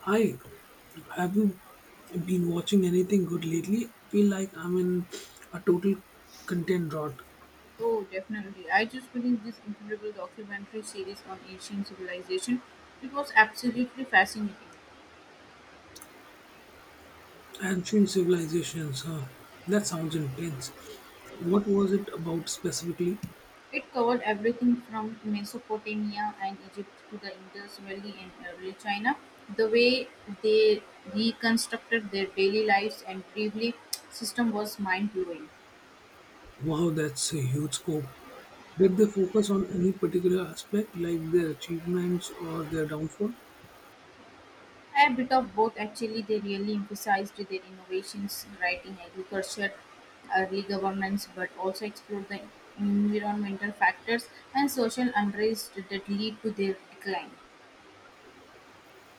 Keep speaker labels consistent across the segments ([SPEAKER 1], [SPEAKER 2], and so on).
[SPEAKER 1] Hi, have you been watching anything good lately? I feel like I'm in a total content rot.
[SPEAKER 2] Oh, definitely. I just finished this incredible documentary series on ancient civilization. It was absolutely fascinating.
[SPEAKER 1] Ancient civilizations, huh? That sounds intense. What was it about specifically?
[SPEAKER 2] It covered everything from Mesopotamia and Egypt to the Indus Valley in early China. The way they reconstructed their daily lives and bravely system was mind blowing.
[SPEAKER 1] Wow, that's a huge scope. Did they focus on any particular aspect, like their achievements or their downfall?
[SPEAKER 2] A bit of both actually, they really emphasized their innovations, writing agriculture, early governance, but also explored the environmental factors and social unrest that lead to their decline.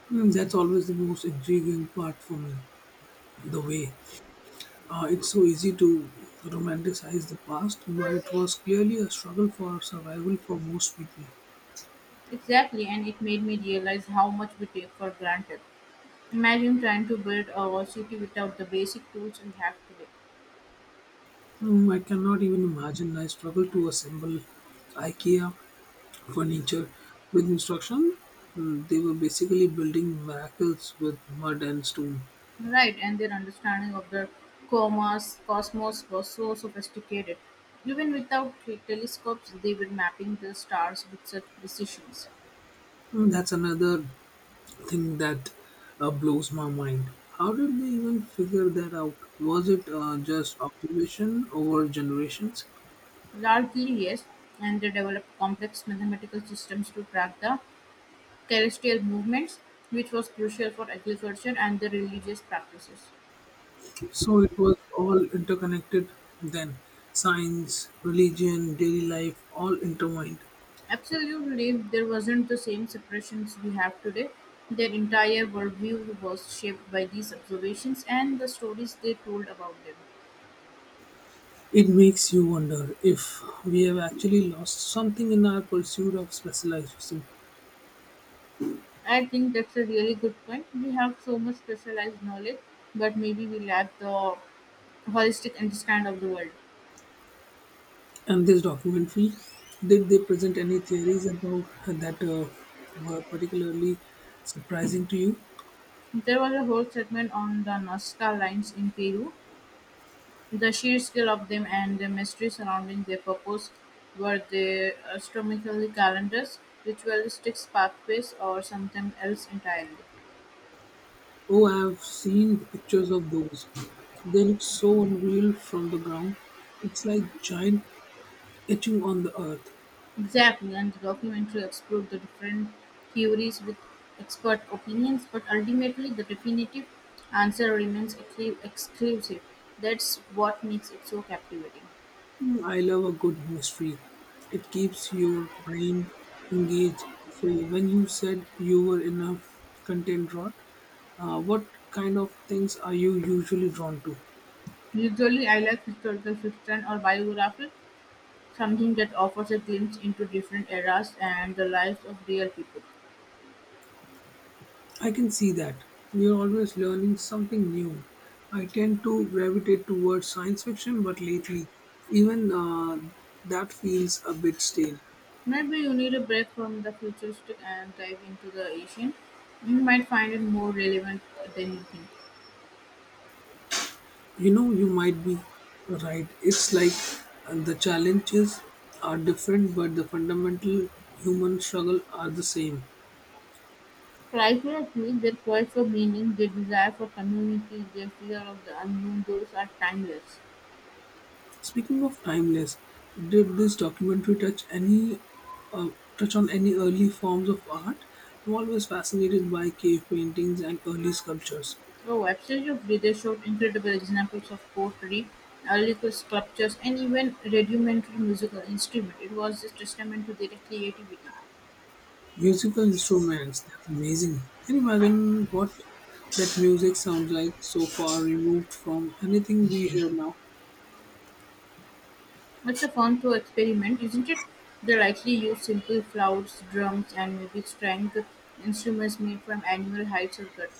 [SPEAKER 1] Hmm, that's always the most intriguing part for me. The way It's so easy to romanticize the past, but it was clearly a struggle for survival for most people.
[SPEAKER 2] Exactly, and it made me realize how much we take for granted. Imagine trying to build a city without the basic tools we have today.
[SPEAKER 1] Mm, I cannot even imagine. I struggle to assemble IKEA furniture with instruction. Mm. They were basically building miracles with mud and stone.
[SPEAKER 2] Right, and their understanding of the cosmos was so sophisticated. Even without telescopes, they were mapping the stars with such precision.
[SPEAKER 1] Mm, that's another thing that blows my mind. How did they even figure that out? Was it just observation over generations?
[SPEAKER 2] Largely, yes, and they developed complex mathematical systems to track the celestial movements, which was crucial for agriculture and the religious practices.
[SPEAKER 1] So it was all interconnected then. Science, religion, daily life, all intertwined.
[SPEAKER 2] Absolutely, there wasn't the same separations we have today. Their entire worldview was shaped by these observations and the stories they told about them.
[SPEAKER 1] It makes you wonder if we have actually lost something in our pursuit of specialization.
[SPEAKER 2] I think that's a really good point. We have so much specialized knowledge, but maybe we lack the holistic understand of the world.
[SPEAKER 1] And this documentary, did they present any theories about that were particularly surprising to you?
[SPEAKER 2] There was a whole segment on the Nazca lines in Peru. The sheer scale of them and the mystery surrounding their purpose were they astronomical calendars, ritualistic pathways, or something else entirely.
[SPEAKER 1] Oh, I have seen pictures of those. They look so unreal from the ground. It's like giant etching on the earth.
[SPEAKER 2] Exactly, and the documentary explored the different theories with expert opinions, but ultimately the definitive answer remains exclusive. That's what makes it so captivating.
[SPEAKER 1] Mm, I love a good mystery. It keeps your brain engaged. So, when you said you were in a content rut, what kind of things are you usually drawn to?
[SPEAKER 2] Usually, I like historical fiction or biography, something that offers a glimpse into different eras and the lives of real people.
[SPEAKER 1] I can see that. You're always learning something new. I tend to gravitate towards science fiction, but lately, even that feels a bit stale.
[SPEAKER 2] Maybe you need a break from the futuristic and dive into the Asian. You might find it more relevant than you think.
[SPEAKER 1] You know, you might be right. It's like the challenges are different, but the fundamental human struggle are the same.
[SPEAKER 2] Primarily, their quest for meaning, their desire for community, their fear of the unknown, those are timeless.
[SPEAKER 1] Speaking of timeless, did this documentary uh, touch on any early forms of art? I'm always fascinated by cave paintings and early sculptures.
[SPEAKER 2] The websites of Vida showed incredible examples of pottery, early sculptures, and even rudimentary musical instruments. It was a testament to their creativity.
[SPEAKER 1] Musical instruments, that's amazing. Can you imagine what that music sounds like so far removed from anything we hear now?
[SPEAKER 2] It's a fun to experiment, isn't it? They likely used simple flutes, drums, and maybe string instruments made from animal hides or gut.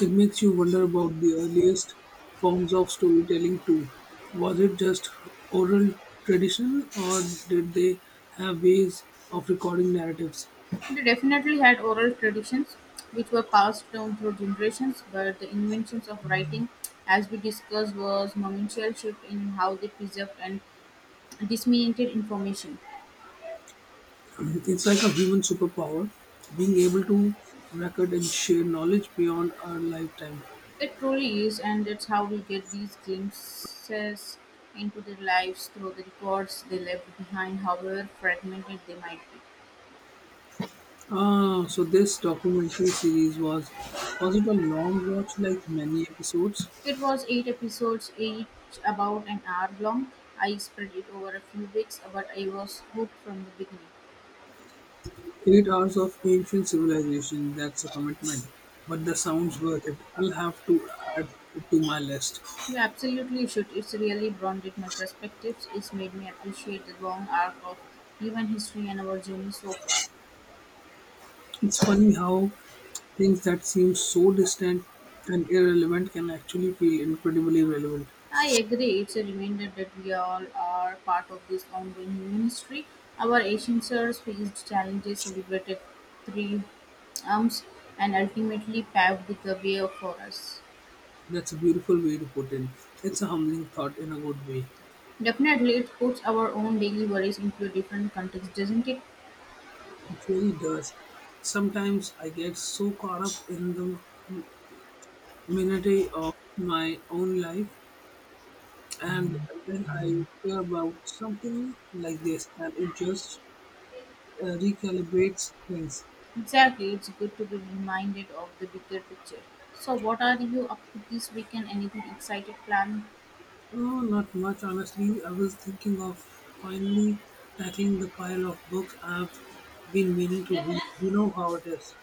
[SPEAKER 1] It makes you wonder about the earliest forms of storytelling too. Was it just oral tradition or did they have ways of recording narratives?
[SPEAKER 2] They definitely had oral traditions, which were passed down through generations, but the invention of writing, as we discussed, was monumental shift in how they preserved and disseminated information.
[SPEAKER 1] It's like a human superpower, being able to record and share knowledge beyond our lifetime.
[SPEAKER 2] It truly is, and that's how we get these glimpses into their lives through the records they left behind, however fragmented they might be.
[SPEAKER 1] Ah, so this documentary series was it a long watch like many episodes?
[SPEAKER 2] It was 8 episodes, each about an hour long. I spread it over a few weeks, but I was hooked from the beginning.
[SPEAKER 1] 8 hours of ancient civilization, that's a commitment, but the sound's worth it. I'll have to add it to my list.
[SPEAKER 2] You absolutely should. It's really broadened my perspectives. It's made me appreciate the long arc of human history and our journey so far.
[SPEAKER 1] It's funny how things that seem so distant and irrelevant can actually feel incredibly relevant.
[SPEAKER 2] I agree. It's a reminder that we all are part of this ongoing human history. Our ancients faced challenges, celebrated triumphs, and ultimately paved the way for us.
[SPEAKER 1] That's a beautiful way to put it. It's a humbling thought in a good way.
[SPEAKER 2] Definitely, it puts our own daily worries into a different context, doesn't it?
[SPEAKER 1] It really does. Sometimes I get so caught up in the minutiae of my own life, and then I hear about something like this, and it just recalibrates things.
[SPEAKER 2] Exactly, it's good to be reminded of the bigger picture. So, what are you up to this weekend? Anything excited planned?
[SPEAKER 1] Oh, not much, honestly. I was thinking of finally tackling the pile of books I've been meaning to read. You know how it is.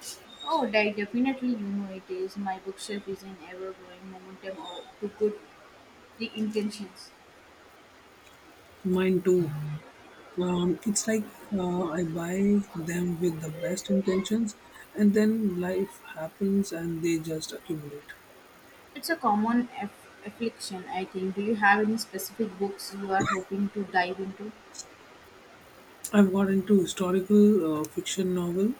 [SPEAKER 2] Oh, definitely, you know it is. My bookshelf is in ever-growing momentum of- to good the intentions.
[SPEAKER 1] Mine too. It's like I buy them with the best intentions, and then life happens and they just accumulate.
[SPEAKER 2] It's a common affliction, I think. Do you have any specific books you are hoping to dive into?
[SPEAKER 1] I've got into historical fiction novel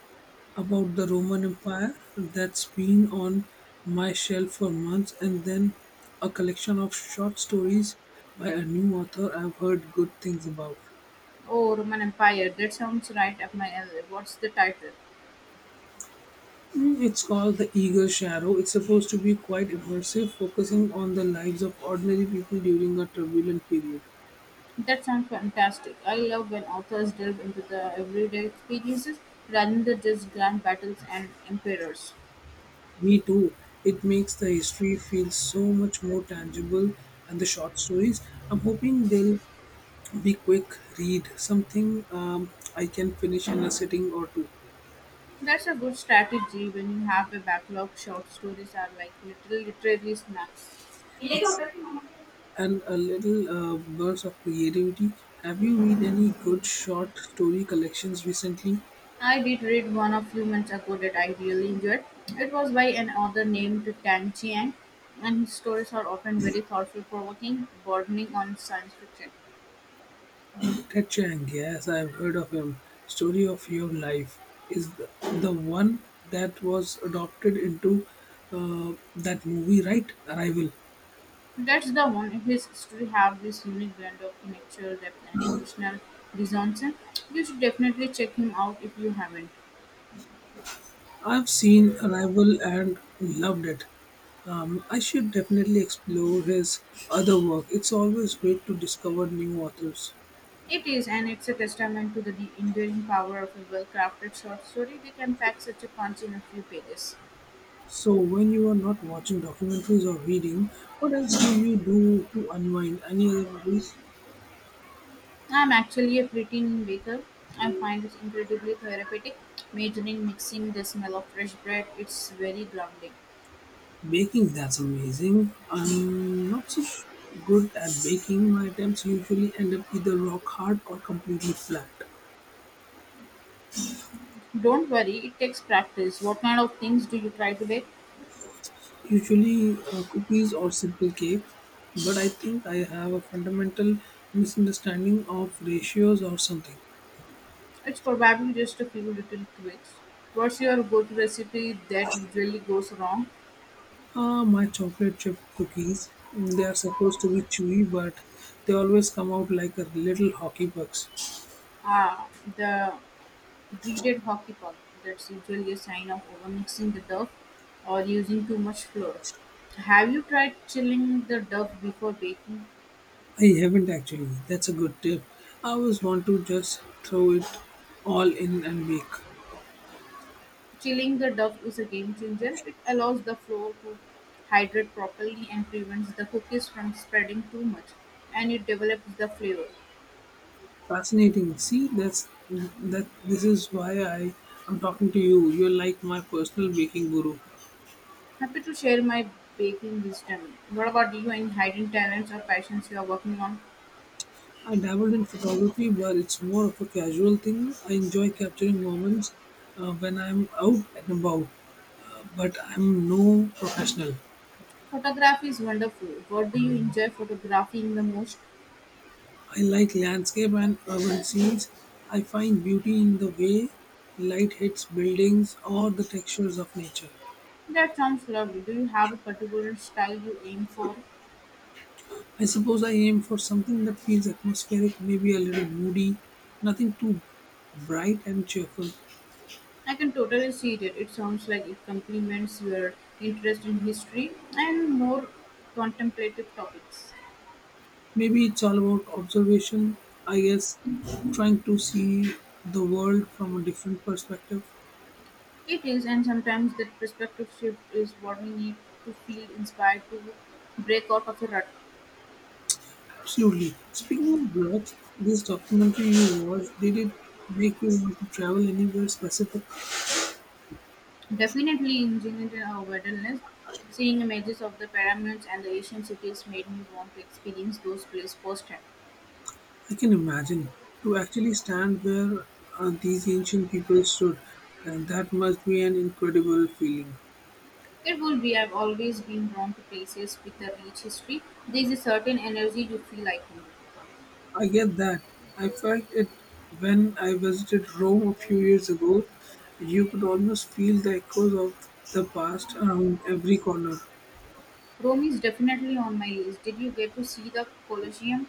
[SPEAKER 1] about the Roman Empire that's been on my shelf for months, and then a collection of short stories by a new author I've heard good things about.
[SPEAKER 2] Oh, Roman Empire. That sounds right up my alley. What's the title?
[SPEAKER 1] Mm, it's called The Eagle Shadow. It's supposed to be quite immersive, focusing on the lives of ordinary people during a turbulent period.
[SPEAKER 2] That sounds fantastic. I love when authors delve into the everyday experiences rather than just grand battles and emperors.
[SPEAKER 1] Me too. It makes the history feel so much more tangible and the short stories. I'm hoping they'll be quick, read something I can finish in a sitting or two.
[SPEAKER 2] That's a good strategy when you have a backlog. Short stories are like little literary snacks.
[SPEAKER 1] Ex- And a little burst of creativity. Have you read any good short story collections recently?
[SPEAKER 2] I did read one a few months ago that I really enjoyed. It was by an author named Tan Chiang, and his stories are often very thoughtful, provoking, bordering on science fiction.
[SPEAKER 1] Ted Chiang, yes, I've heard of him. Story of Your Life is the one that was adopted into that movie, right? Arrival.
[SPEAKER 2] That's the one. His story have this unique blend of intellectual depth and emotional resonance. You should definitely check him out if you haven't.
[SPEAKER 1] I've seen Arrival and loved it. I should definitely explore his other work. It's always great to discover new authors.
[SPEAKER 2] It is, and it's a testament to the enduring power of a well-crafted short story. They can pack such a punch in a few pages.
[SPEAKER 1] So, when you are not watching documentaries or reading, what else do you do to unwind? Any other hobbies?
[SPEAKER 2] I'm actually a preteen baker. I find it incredibly therapeutic. Measuring, mixing the smell of fresh bread, it's very grounding.
[SPEAKER 1] Baking, that's amazing. I'm not so sh- good at baking. My attempts usually end up either rock hard or completely flat.
[SPEAKER 2] Don't worry, it takes practice. What kind of things do you try to bake?
[SPEAKER 1] Usually cookies or simple cakes, but I think I have a fundamental misunderstanding of ratios or something.
[SPEAKER 2] It's probably just a few little tweaks. What's your go-to recipe that usually goes wrong?
[SPEAKER 1] My chocolate chip cookies, they are supposed to be chewy, but they always come out like a little hockey pucks.
[SPEAKER 2] Ah, the dreaded hockey puck. That's usually a sign of overmixing the dough or using too much flour. Have you tried chilling the dough before baking?
[SPEAKER 1] I haven't actually. That's a good tip. I always want to just throw it all in and bake.
[SPEAKER 2] Chilling the dough is a game changer. It allows the flour to hydrate properly and prevents the cookies from spreading too much, and it develops the flavor.
[SPEAKER 1] Fascinating. See, that's that. This is why I am talking to you. You're like my personal baking guru.
[SPEAKER 2] Happy to share my baking wisdom. What about you? Any hidden talents or passions you are working on?
[SPEAKER 1] I dabbled in photography, but it's more of a casual thing. I enjoy capturing moments when I'm out and about, but I'm no professional.
[SPEAKER 2] Photography is wonderful. What do you enjoy photographing the most?
[SPEAKER 1] I like landscape and urban scenes. I find beauty in the way light hits buildings or the textures of nature.
[SPEAKER 2] That sounds lovely. Do you have a particular style you aim for?
[SPEAKER 1] I suppose I aim for something that feels atmospheric, maybe a little moody, nothing too bright and cheerful.
[SPEAKER 2] I can totally see that. It sounds like it complements your interest in history and more contemplative topics.
[SPEAKER 1] Maybe it's all about observation, I guess, trying to see the world from a different perspective.
[SPEAKER 2] It is, and sometimes that perspective shift is what we need to feel inspired to break out of a rut.
[SPEAKER 1] Absolutely. Speaking of blogs, this documentary you watched, did it make you want to travel anywhere specific?
[SPEAKER 2] Definitely engineered wilderness. Seeing images of the pyramids and the ancient cities made me want to experience those places firsthand.
[SPEAKER 1] I can imagine. To actually stand where these ancient people stood, and that must be an incredible feeling.
[SPEAKER 2] Careful, we have always been drawn to places with a rich history. There is a certain energy you feel like home.
[SPEAKER 1] I get that. I felt it when I visited Rome a few years ago. You could almost feel the echoes of the past around every corner.
[SPEAKER 2] Rome is definitely on my list. Did you get to see the Colosseum?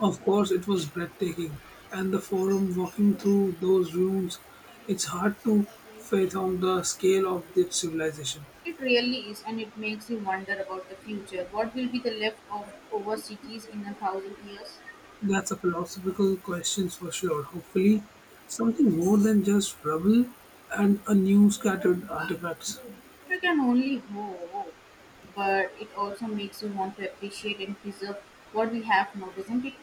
[SPEAKER 1] Of course, it was breathtaking, and the forum walking through those ruins, it's hard to fathom the scale of that civilization.
[SPEAKER 2] It really is, and it makes you wonder about the future. What will be the left of over cities in 1,000 years?
[SPEAKER 1] That's a philosophical question for sure. Hopefully, something more than just rubble and a new scattered artifacts.
[SPEAKER 2] I can only hope, but it also makes you want to appreciate and preserve what we have now, doesn't it?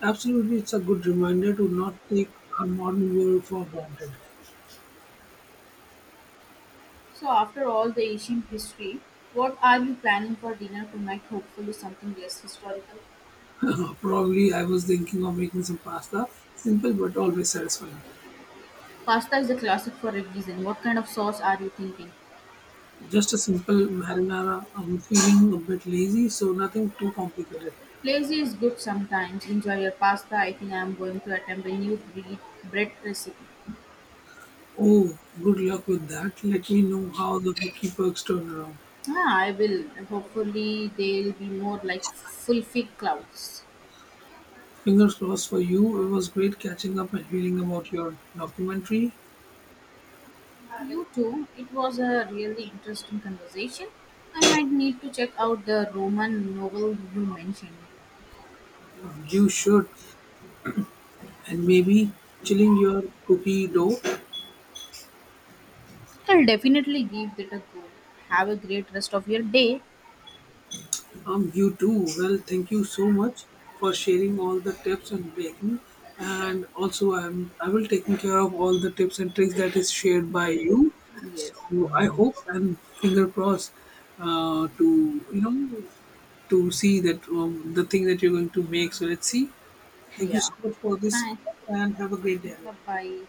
[SPEAKER 1] Absolutely, it's a good reminder to not take our modern world for granted.
[SPEAKER 2] So, after all the ancient history, what are you planning for dinner tonight? Hopefully, something less historical.
[SPEAKER 1] Probably I was thinking of making some pasta, simple but always satisfying.
[SPEAKER 2] Pasta is a classic for a reason. What kind of sauce are you thinking?
[SPEAKER 1] Just a simple marinara. I'm feeling a bit lazy, so nothing too complicated.
[SPEAKER 2] Lazy is good sometimes. Enjoy your pasta. I think I am going to attempt a new breed, bread recipe.
[SPEAKER 1] Oh, good luck with that. Let me know how the Vicky Perks turn around.
[SPEAKER 2] Ah, I will. Hopefully, they'll be more like full fig clouds.
[SPEAKER 1] Fingers crossed for you. It was great catching up and hearing about your documentary.
[SPEAKER 2] You too. It was a really interesting conversation. I might need to check out the Roman novel you mentioned.
[SPEAKER 1] You should, and maybe chilling your cookie dough.
[SPEAKER 2] I'll definitely give it a go. Have a great rest of your day.
[SPEAKER 1] You too. Well, thank you so much for sharing all the tips and making. And also, I will taking care of all the tips and tricks that is shared by
[SPEAKER 2] Yeah.
[SPEAKER 1] you.
[SPEAKER 2] Yes.
[SPEAKER 1] So I hope and finger crossed to to see that the thing that you're going to make. So let's see. Thank you
[SPEAKER 2] Yeah.
[SPEAKER 1] so much for this
[SPEAKER 2] Bye.
[SPEAKER 1] call and have a great
[SPEAKER 2] Bye
[SPEAKER 1] day.
[SPEAKER 2] bye.